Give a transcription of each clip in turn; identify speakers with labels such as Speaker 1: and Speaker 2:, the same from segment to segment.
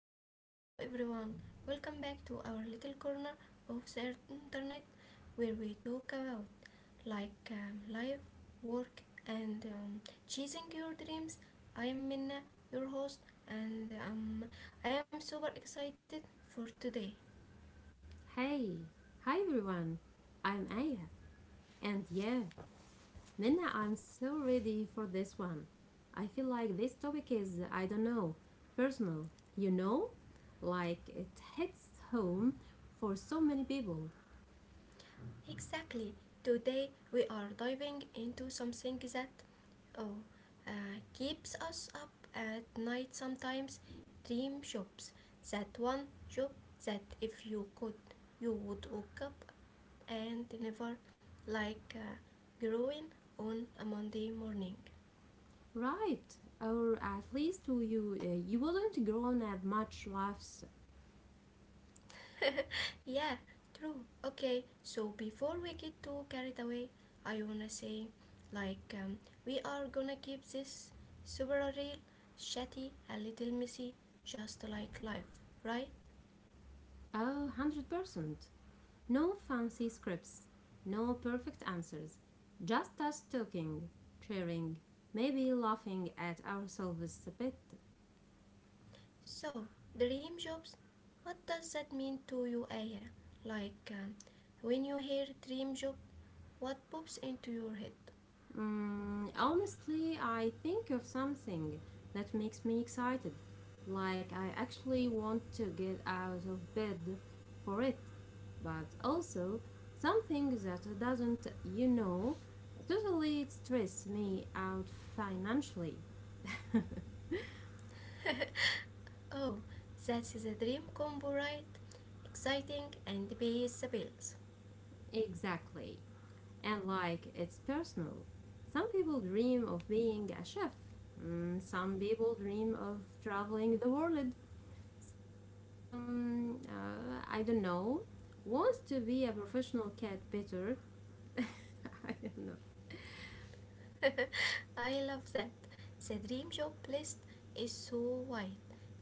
Speaker 1: hey, hey. Hello, everyone. Welcome back to our little corner of the internet where we talk about like life, work, and chasing your dreams. I am Minna, your host, and I am super excited for today.
Speaker 2: Hey, hi everyone. I'm Aya. And yeah, Minna, I'm so ready for this one. I feel like this topic is, I don't know, personal, you know? Like it hits home for so many people,
Speaker 1: Exactly. Today we are diving into something that oh, uh, keeps us up at night sometimes, dream jobs. That one job that if you could, you would wake up and never like growing on a Monday morning.
Speaker 2: right? Or at least to you, you wouldn't grown up much laughs.
Speaker 1: Yeah, true. Okay, so before we get too carried away, I wanna say, like, we are gonna keep this super real, chatty, a little messy, just like life, right?
Speaker 2: Oh, 100%. No fancy scripts, no perfect answers, just us talking, cheering, maybe laughing at ourselves a bit.
Speaker 1: So, dream jobs, what does that mean to you, Aya? Like, when you hear dream job, what pops into your head?
Speaker 2: Mm, honestly, I think of something that makes me excited, like I actually want to get out of bed for it, but also something that doesn't totally stress me out financially.
Speaker 1: Oh, that is a dream combo, right? Exciting and pays the bills.
Speaker 2: Exactly. And like it's personal. Some people dream of being a chef. Mm, some people dream of traveling the world. Some, I don't know, wants to be a professional cat better. I don't know.
Speaker 1: I love that. The dream job list is so wide,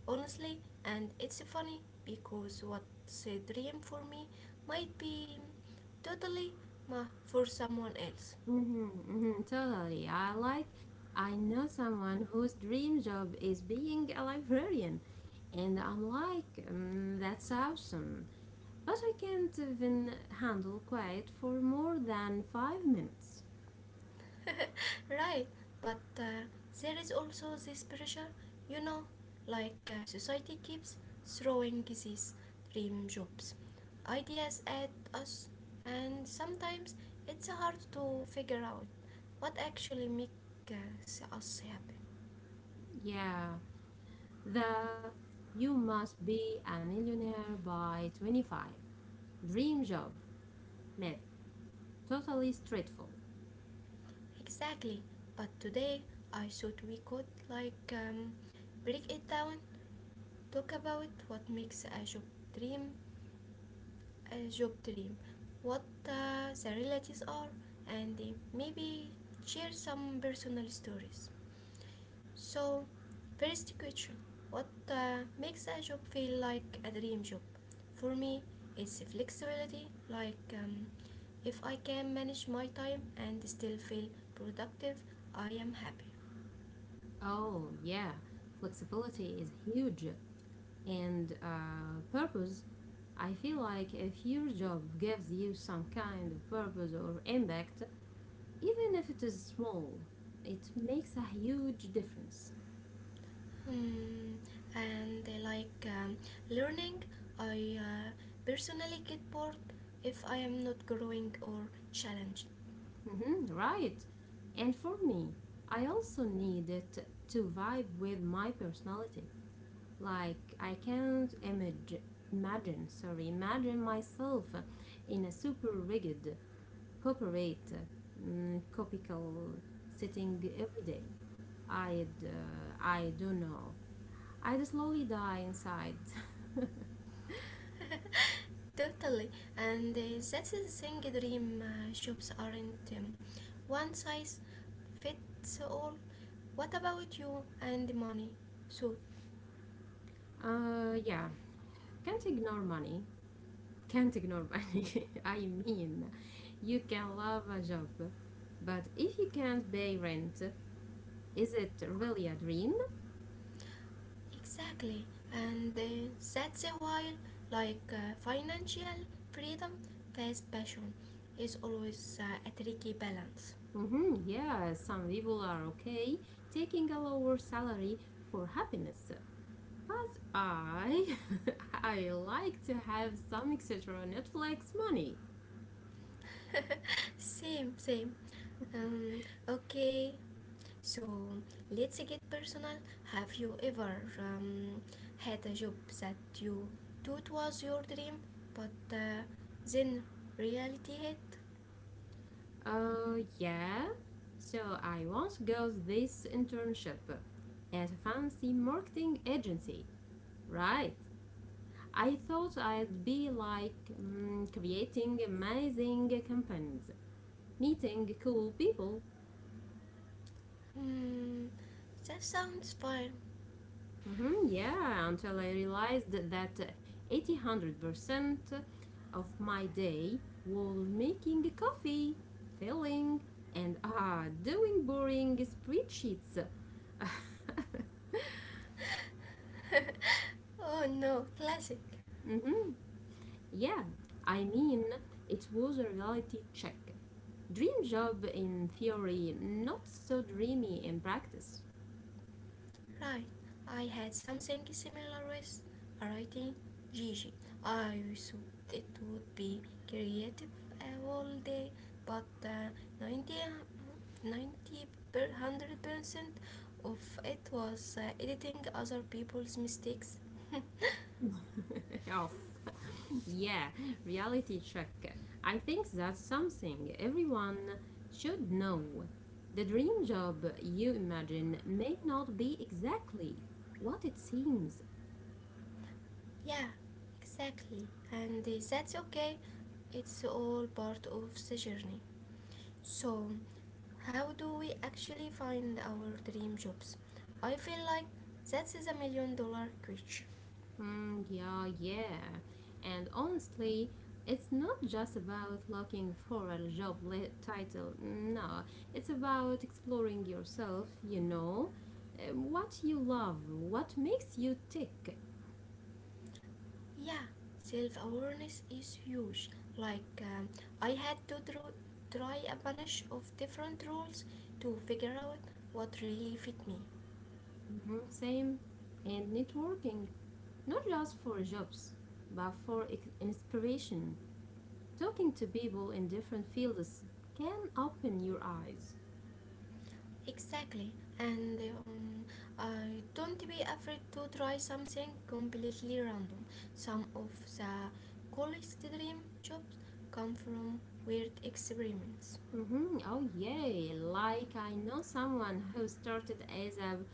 Speaker 1: honestly, and it's funny because what's a dream for me might be totally ma for someone else.
Speaker 2: Hmm, hmm, totally. I know someone whose dream job is being a librarian, and I'm like, mm, that's awesome. But I can't even handle quiet for more than 5 minutes.
Speaker 1: Right, but there is also this pressure, you know like society keeps throwing these dream jobs ideas at us, and sometimes it's hard to figure out what actually makes us happy.
Speaker 2: Yeah, the you must be a millionaire by 25 dream job myth totally straightful.
Speaker 1: Exactly, but today I thought we could like break it down, talk about what makes a job dream, a job dream, what the realities are, and maybe share some personal stories. So, first question. What makes a job feel like a dream job? For me, it's flexibility, like if I can manage my time and still feel productive, I am happy.
Speaker 2: Oh, yeah, flexibility is huge and purpose. I feel like if your job gives you some kind of purpose or impact, even if it is small, it makes a huge difference.
Speaker 1: Mm, and they like learning. I personally get bored if I am not growing or challenged.
Speaker 2: Mhm, right. And for me, I also need it to vibe with my personality. Like I can't imag- imagine, sorry, imagine myself in a super rigid corporate mm, copical setting every day. I'd, I don't know. I'd slowly die inside.
Speaker 1: Totally. And that's the thing, dream shops aren't one size fits all. What about you and money? So.
Speaker 2: Uh, yeah, can't ignore money. Can't ignore money. I mean, you can love a job, but if you can't pay rent, is it really a dream?
Speaker 1: Exactly, and that's why, like financial freedom versus passion, is always a tricky balance.
Speaker 2: Mm-hmm, yeah, some people are okay taking a lower salary for happiness. But I, I like to have some extra Netflix money.
Speaker 1: Same, same. Um, okay, so let's get personal. Have you ever um, had a job that you thought was your dream, but then reality hit?
Speaker 2: Yeah. So I once got this internship at a fancy marketing agency. Right. I thought I'd be like mm, creating amazing campaigns, meeting cool people.
Speaker 1: Hmm, that sounds fine.
Speaker 2: Mm-hmm, yeah, until I realized that eighty hundred percent of my day was making coffee, filling, and ah doing boring spreadsheets.
Speaker 1: Oh no, classic.
Speaker 2: mm-hmm, yeah, I mean, it was a reality check. Dream job in theory, not so dreamy in practice.
Speaker 1: Right, I had something similar with writing Gigi. I thought it would be creative all day, but 90, per 100% of it was editing other people's mistakes.
Speaker 2: Off, yeah, reality check. I think that's something everyone should know. The dream job you imagine may not be exactly what it seems.
Speaker 1: Yeah, exactly. And that's okay. It's all part of the journey. So, how do we actually find our dream jobs? I feel like that is a million dollar question.
Speaker 2: Mm, yeah, and honestly it's not just about looking for a job title no, it's about exploring yourself, you know, what you love, what makes you tick.
Speaker 1: Yeah, self awareness is huge. Like, I had to try a bunch of different roles to figure out what really fit me.
Speaker 2: Mhm, same. And networking, not just for jobs, but for inspiration. Talking to people in different fields can open your eyes.
Speaker 1: Exactly, and uh, don't be afraid to try something completely random. Some of the coolest dream jobs come from weird experiments.
Speaker 2: Hmm, oh, yeah. Like, I know someone who started as a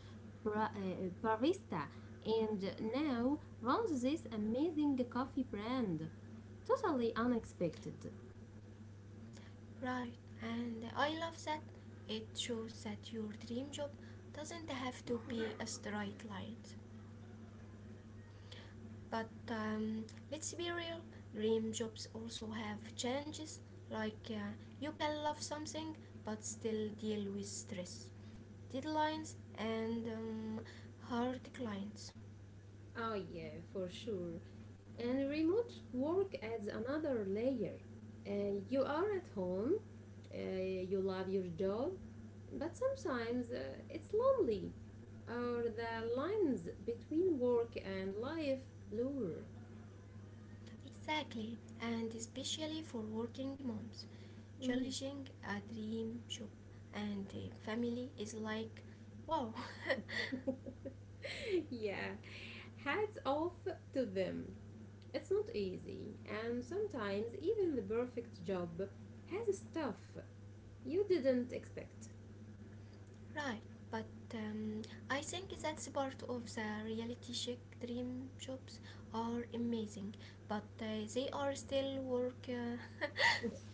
Speaker 2: barista and now runs this amazing coffee brand. Totally unexpected.
Speaker 1: Right, and I love that. It shows that your dream job doesn't have to be a straight line. But let's be real, dream jobs also have challenges. Like you can love something but still deal with stress, deadlines, and hard clients.
Speaker 2: Oh, yeah, for sure. And remote work adds another layer. You are at home, uh, you love your job, but sometimes it's lonely, or the lines between work and life blur.
Speaker 1: Exactly, and especially for working moms,
Speaker 2: Mhm.
Speaker 1: challenging a dream job and a family is like wow.
Speaker 2: Yeah, hats off to them. It's not easy, and sometimes even the perfect job has stuff you didn't expect.
Speaker 1: Right, but um, I think that's part of the reality check, dream jobs are amazing, but they are still work.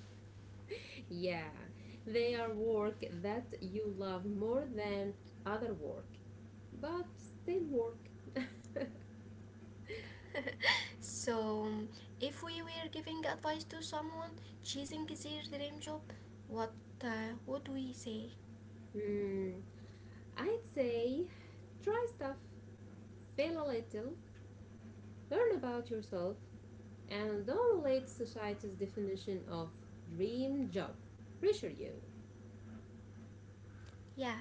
Speaker 2: Yeah, they are work that you love more than other work, but still work.
Speaker 1: So, if we were giving advice to someone choosing their dream job, what would we say?
Speaker 2: Hmm, I'd say try stuff, fail a little, learn about yourself, and don't let society's definition of dream job pressure you.
Speaker 1: Yeah,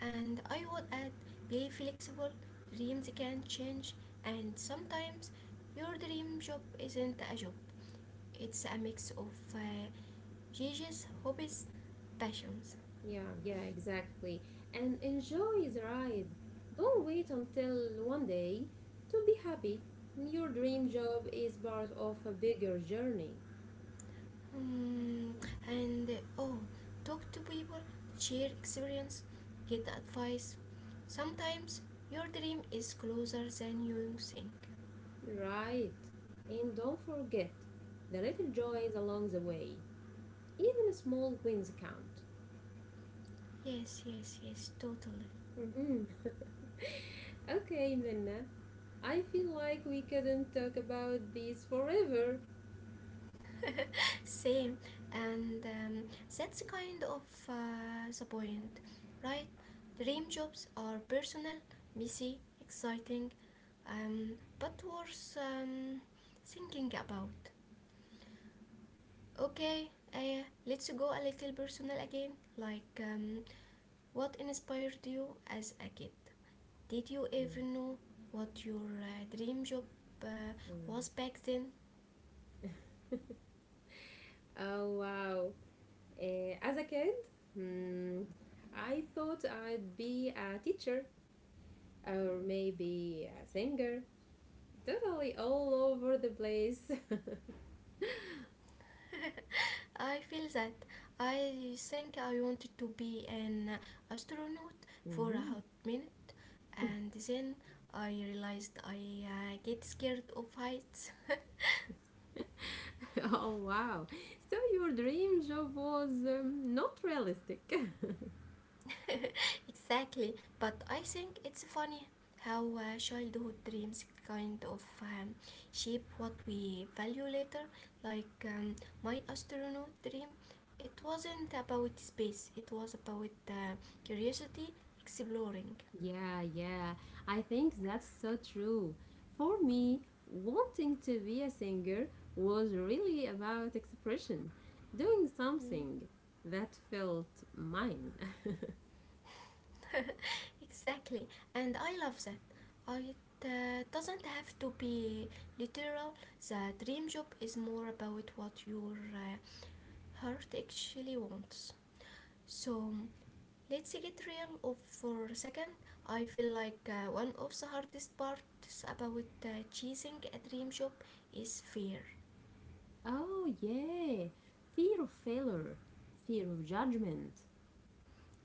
Speaker 1: and I would add, be flexible, dreams can change, and sometimes your dream job isn't a job. It's a mix of uh, Gigi's hobbies, passions.
Speaker 2: Yeah, yeah, exactly. And enjoy the ride. Don't wait until one day to be happy. Your dream job is part of a bigger journey.
Speaker 1: Hmm, and oh, talk to people, share experience, get advice. Sometimes your dream is closer than you think.
Speaker 2: Right. And don't forget the little joys along the way. Even small wins count.
Speaker 1: Yes, yes, yes, totally.
Speaker 2: Mhm. okay, Minna. I feel like we couldn't talk about these forever.
Speaker 1: Same, and that's kind of the point, right? Dream jobs are personal, messy, exciting, um, but worth thinking about. Okay, let's go a little personal again. Like, what inspired you as a kid? Did you even know what your dream job uh,
Speaker 2: Mhm.
Speaker 1: was back then?
Speaker 2: Oh, wow. Eh, as a kid, hmm, I thought I'd be a teacher or maybe a singer. Totally all over the place.
Speaker 1: I feel that. I think I wanted to be an astronaut for a
Speaker 2: Mhm.
Speaker 1: hot minute, and then I realized I get scared of heights.
Speaker 2: Oh wow. So your dream job was not realistic.
Speaker 1: Exactly, but I think it's funny how childhood dreams kind of shape what we value later. Like my astronaut dream, it wasn't about space; it was about curiosity, exploring.
Speaker 2: Yeah, yeah. I think that's so true. For me, wanting to be a singer was really about expression, doing
Speaker 1: Mm.
Speaker 2: something that felt mine.
Speaker 1: Exactly, and I love that. It doesn't have to be literal. The dream job is more about what your heart actually wants. So let's get real of for a second. I feel like one of the hardest parts about choosing a dream job is fear.
Speaker 2: Oh yeah. Fear of failure, fear of judgment.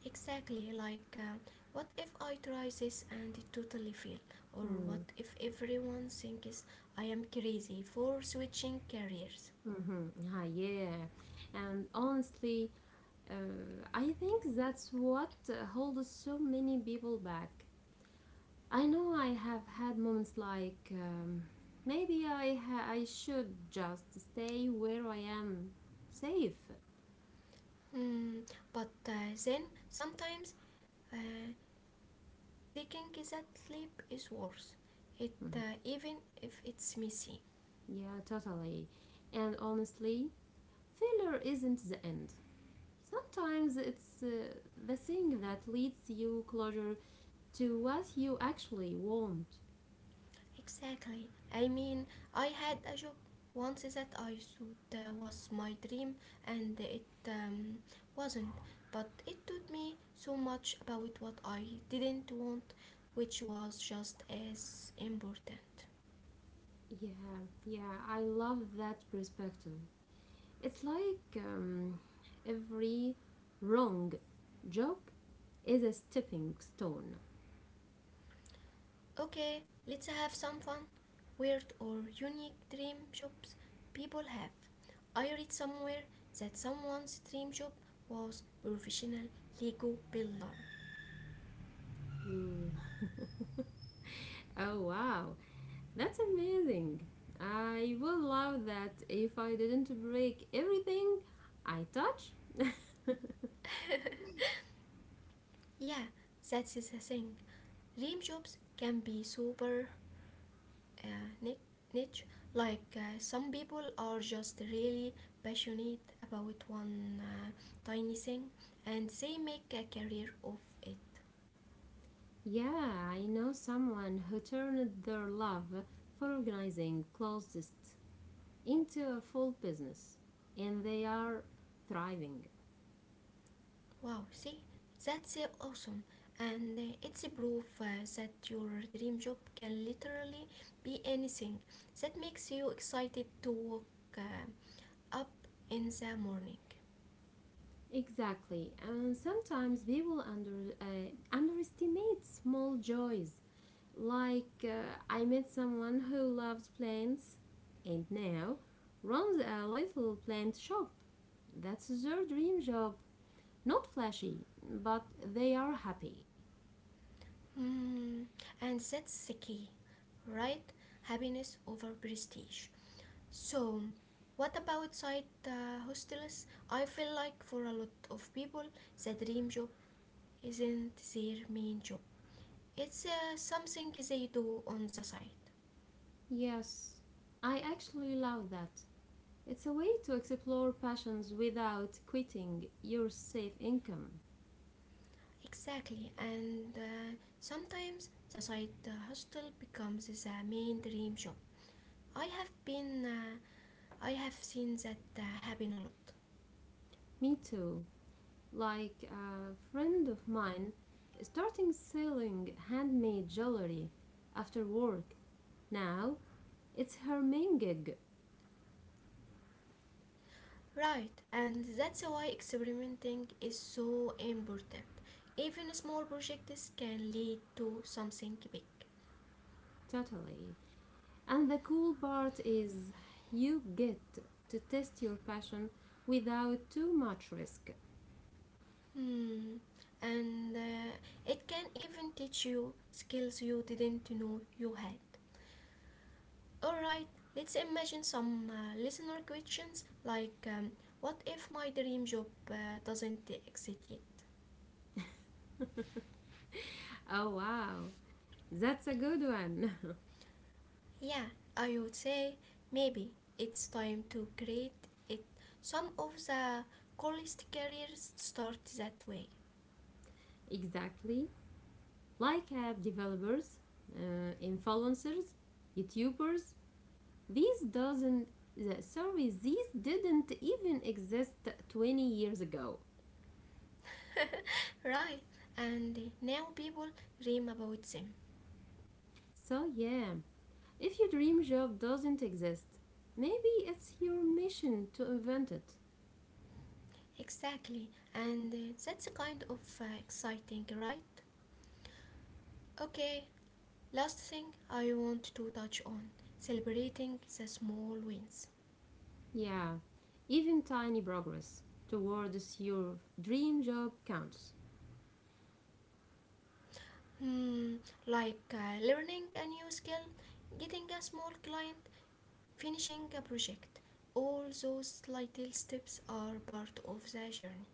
Speaker 1: Exactly, like what if I try this and it totally fail? Or what
Speaker 2: Mm.
Speaker 1: if everyone thinks I am crazy for switching careers?
Speaker 2: Mm-hmm. Ah, yeah. And honestly, I think that's what holds so many people back. I know I have had moments like um, I should just stay where I am safe.
Speaker 1: Hmm, but then sometimes uh, taking that leap is worse. It
Speaker 2: Mhm.
Speaker 1: even if it's messy.
Speaker 2: Yeah, totally. And honestly, failure isn't the end. Sometimes it's the thing that leads you closer to what you actually want.
Speaker 1: Exactly. I mean, I had a job once that I thought was my dream, and it wasn't. But it taught me so much about what I didn't want, which was just as important.
Speaker 2: Yeah, yeah, I love that perspective. It's like every wrong job is a stepping stone.
Speaker 1: Okay, let's have some fun. Weird or unique dream jobs people have. I read somewhere that someone's dream job was professional Lego builder.
Speaker 2: Mm. Oh wow, that's amazing. I would love that if I didn't break everything I touch.
Speaker 1: Yeah, that is a thing. Dream jobs can be super uh, niche, like some people are just really passionate about one tiny thing, and they make a career of it.
Speaker 2: Yeah, I know someone who turned their love for organizing closets into a full business, and they are thriving.
Speaker 1: Wow, see, that's awesome. And it's a proof that your dream job can literally be anything that makes you excited to wake up in the morning.
Speaker 2: Exactly. And sometimes people underestimate small joys. Like I met someone who loves plants and now runs a little plant shop. That's their dream job. Not flashy, but they are happy.
Speaker 1: Mm, and that's the key, right? Happiness over prestige. So, what about side hostels? I feel like for a lot of people, the dream job isn't their main job. It's something they do on the side.
Speaker 2: Yes, I actually love that. It's a way to explore passions without quitting your safe income.
Speaker 1: Exactly, and sometimes the side hostel becomes the main dream job. I have been, uh, I have seen that happen a lot.
Speaker 2: Me too. Like a friend of mine starting selling handmade jewelry after work. Now it's her main gig,
Speaker 1: Right, and that's why experimenting is so important. Even small projects can lead to something big.
Speaker 2: totally. And the cool part is you get to test your passion without too much risk.
Speaker 1: Hmm. And it can even teach you skills you didn't know you had. Alright, let's imagine some listener questions like what if my dream job doesn't exist yet?
Speaker 2: Oh wow, that's a good one.
Speaker 1: Yeah, I would say maybe it's time to create it. Some of the coolest careers start that way.
Speaker 2: exactly. Like app developers, influencers, YouTubers. These doesn't sorry, these didn't even exist 20 years ago.
Speaker 1: Right, and now people dream about them.
Speaker 2: So yeah, if your dream job doesn't exist, maybe it's your mission to invent it.
Speaker 1: Exactly, and that's kind of exciting, right? Okay, last thing I want to touch on, celebrating the small wins.
Speaker 2: Yeah, even tiny progress towards your dream job counts.
Speaker 1: Hmm, like learning a new skill, getting a small client, finishing a project. All those little steps are part of the journey.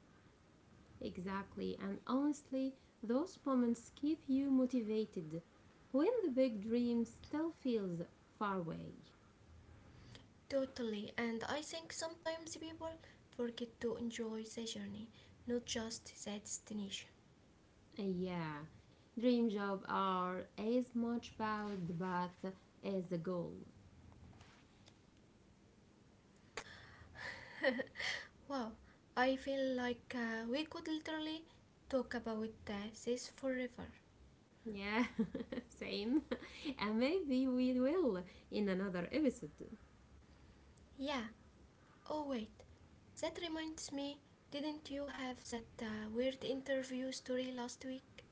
Speaker 2: Exactly, and honestly, those moments keep you motivated when the big dream still feels far away.
Speaker 1: Totally, and I think sometimes people forget to enjoy the journey, not just the destination.
Speaker 2: Yeah, dream job are as much about the path as the goal.
Speaker 1: Wow, I feel like we could literally talk about this forever.
Speaker 2: Yeah, same. And maybe we will in another episode.
Speaker 1: Yeah, oh wait, that reminds me, didn't you have that weird interview story last week?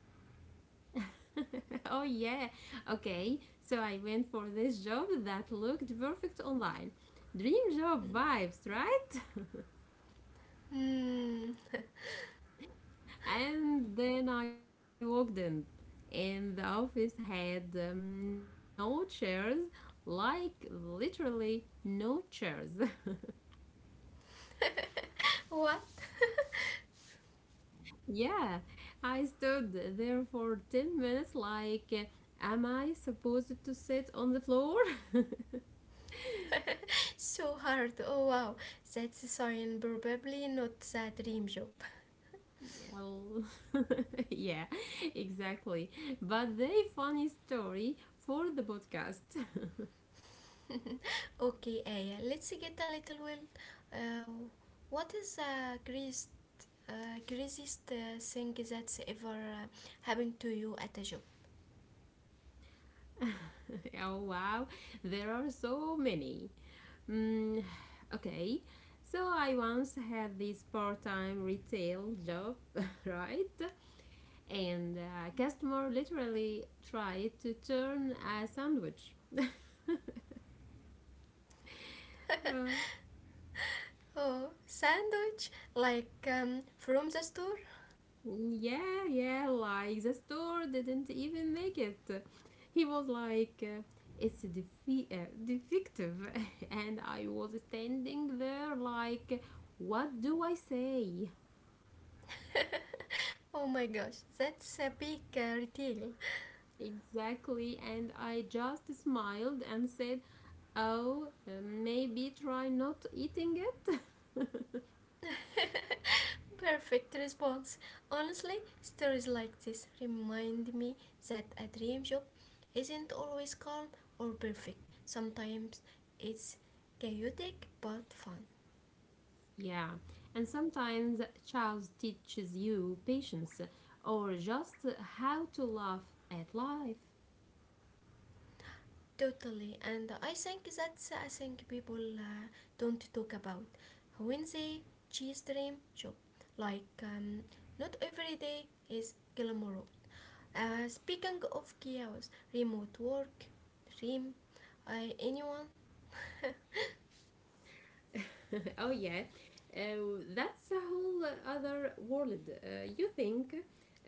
Speaker 2: oh, yeah. Okay, so I went for this job that looked perfect online. Dream job
Speaker 1: Hmm.
Speaker 2: vibes, right?
Speaker 1: Hmm.
Speaker 2: And then I walked in, and the office had no chairs, like literally no chairs.
Speaker 1: What?
Speaker 2: Yeah, I stood there for 10 minutes like, am I supposed to sit on the floor?
Speaker 1: So hard. Oh wow, that's a sign, probably not a dream job.
Speaker 2: Well, yeah, exactly. But they funny story for the podcast.
Speaker 1: Okay, Aya, let's get a little wild. Uh, what is the craziest thing that's ever happened to you at a job?
Speaker 2: oh wow, there are so many. Mm, okay, so I once had this part-time retail job, right? And a customer literally tried to turn a sandwich. Uh,
Speaker 1: Oh, sandwich like from the store.
Speaker 2: yeah, yeah, like the store didn't even make it. He was like, uh, it's defective. and I was standing there like, what do I say?
Speaker 1: Oh my gosh, that's a big retail.
Speaker 2: Exactly, and I just smiled and said, oh, maybe try not eating it?
Speaker 1: Perfect response. Honestly, stories like this remind me that a dream job isn't always calm or perfect. Sometimes it's chaotic but fun.
Speaker 2: Yeah, and sometimes Charles teaches you patience or just how to laugh at life.
Speaker 1: Totally, and I think that's, I think people don't talk about when they chase dream job. Like not every day is glamorous. Speaking of chaos, remote work, dream, anyone?
Speaker 2: oh yeah, that's a whole other world. You think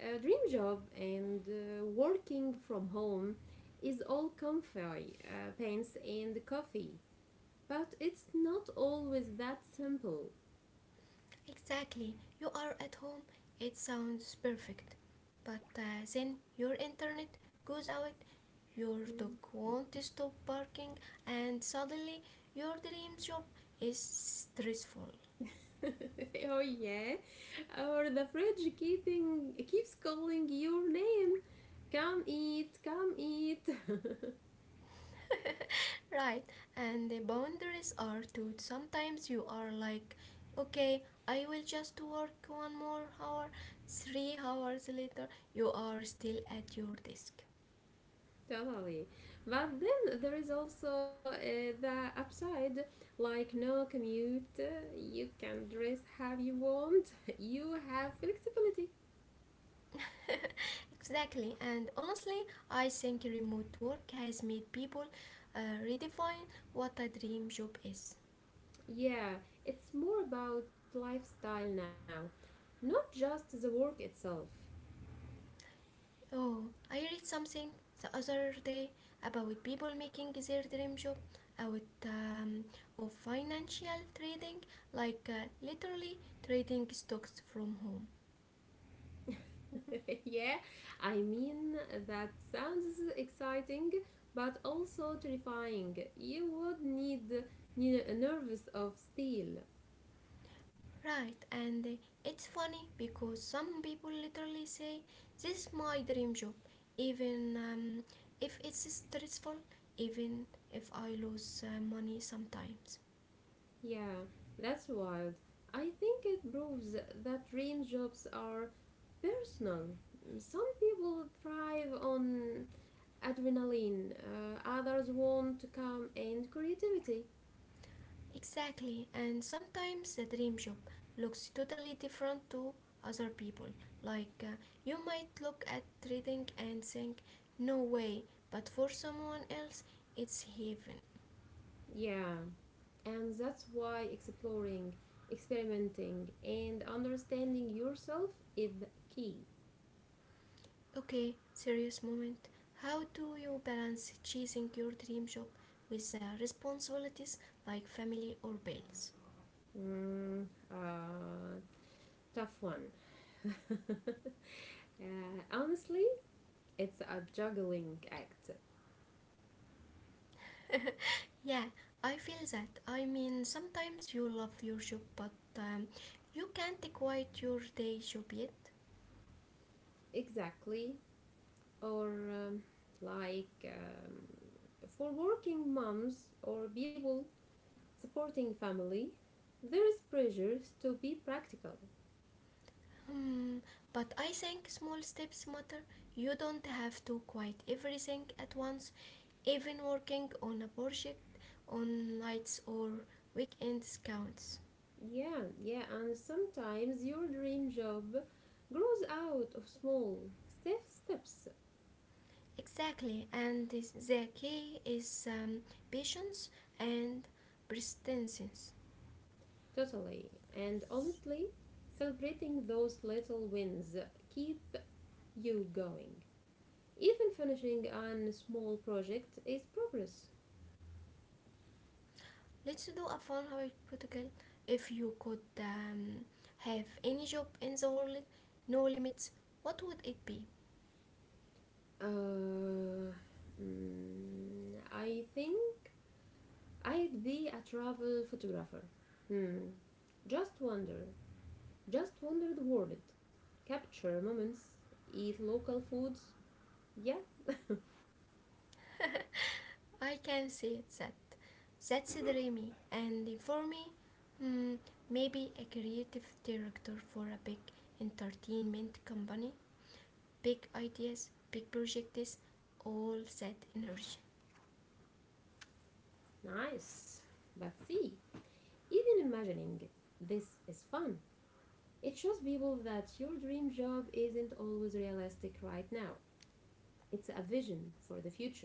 Speaker 2: a dream job and working from home is all comfy, pants and coffee, but it's not always that simple.
Speaker 1: Exactly. You are at home, it sounds perfect. But then your internet goes out, your dog
Speaker 2: Mm.
Speaker 1: won't stop barking, and suddenly your dream job is stressful.
Speaker 2: oh yeah, or the fridge keeping keeps calling your name. Come eat, come eat.
Speaker 1: Right, and the boundaries are too. Sometimes you are like, okay, I will just work 1 more hour. 3 hours later, you are still at your desk.
Speaker 2: Totally. But then there is also the upside, like no commute, you can dress how you want, you have flexibility.
Speaker 1: Exactly, and honestly, I think remote work has made people uh, redefine what a dream job is.
Speaker 2: Yeah, it's more about lifestyle now, not just the work itself.
Speaker 1: Oh, I read something the other day about people making their dream job out of financial trading, like literally trading stocks from home.
Speaker 2: yeah, I mean, that sounds exciting but also terrifying. Need a nervous of steel.
Speaker 1: Right, and it's funny because some people literally say, this is my dream job, even if it's stressful, even if I lose money sometimes.
Speaker 2: Yeah, that's wild. I think it proves that dream jobs are personal. Some people thrive on adrenaline, others want to calm and creativity.
Speaker 1: Exactly, and sometimes the dream job looks totally different to other people. Like, you might look at trading and think, no way, but for someone else, it's heaven.
Speaker 2: Yeah, and that's why exploring, experimenting, and understanding yourself is the key.
Speaker 1: Okay, serious moment. How do you balance chasing your dream job with the responsibilities like family or bills?
Speaker 2: Mm, uh, tough one. Honestly, it's a juggling act.
Speaker 1: Yeah, I feel that. I mean, sometimes you love your job, but you can't quit your day job yet.
Speaker 2: Exactly. Or like um, for working moms or people supporting family, there is pressure to be practical.
Speaker 1: Hmm, but I think small steps matter. You don't have to quit everything at once, even working on a project on nights or weekends counts.
Speaker 2: Yeah, and sometimes your dream job grows out of small safe steps,
Speaker 1: Exactly, and this, the key is patience and persistence.
Speaker 2: totally. And honestly, celebrating those little wins keep you going. Even finishing a small project is progress.
Speaker 1: Let's do a fun hypothetical. If you could have any job in the world, no limits, what would it be?
Speaker 2: Uh, I think I'd be a travel photographer. Hmm. Just wander. Just wander the world. Capture moments. Eat local foods. Yeah,
Speaker 1: I can say that. That's dreamy. And for me, mm, maybe a creative director for a big entertainment company. Big ideas, big projects, all that energy.
Speaker 2: nice. But see, even imagining this is fun. It shows people that your dream job isn't always realistic right now. It's a vision for the future.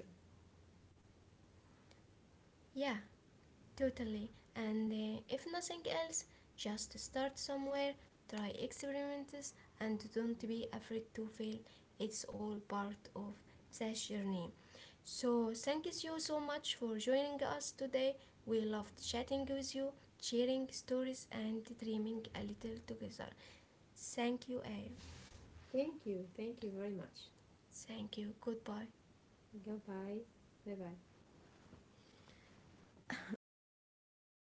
Speaker 1: Yeah, totally. And if nothing else, just start somewhere, try experiments, and don't be afraid to fail. It's all part of that journey. So, thank you so so much for joining us today. We loved chatting with you, sharing stories, and dreaming a little together. Thank you, A.
Speaker 2: Thank you. Thank you very much.
Speaker 1: Thank you. Goodbye.
Speaker 2: Goodbye. Bye bye.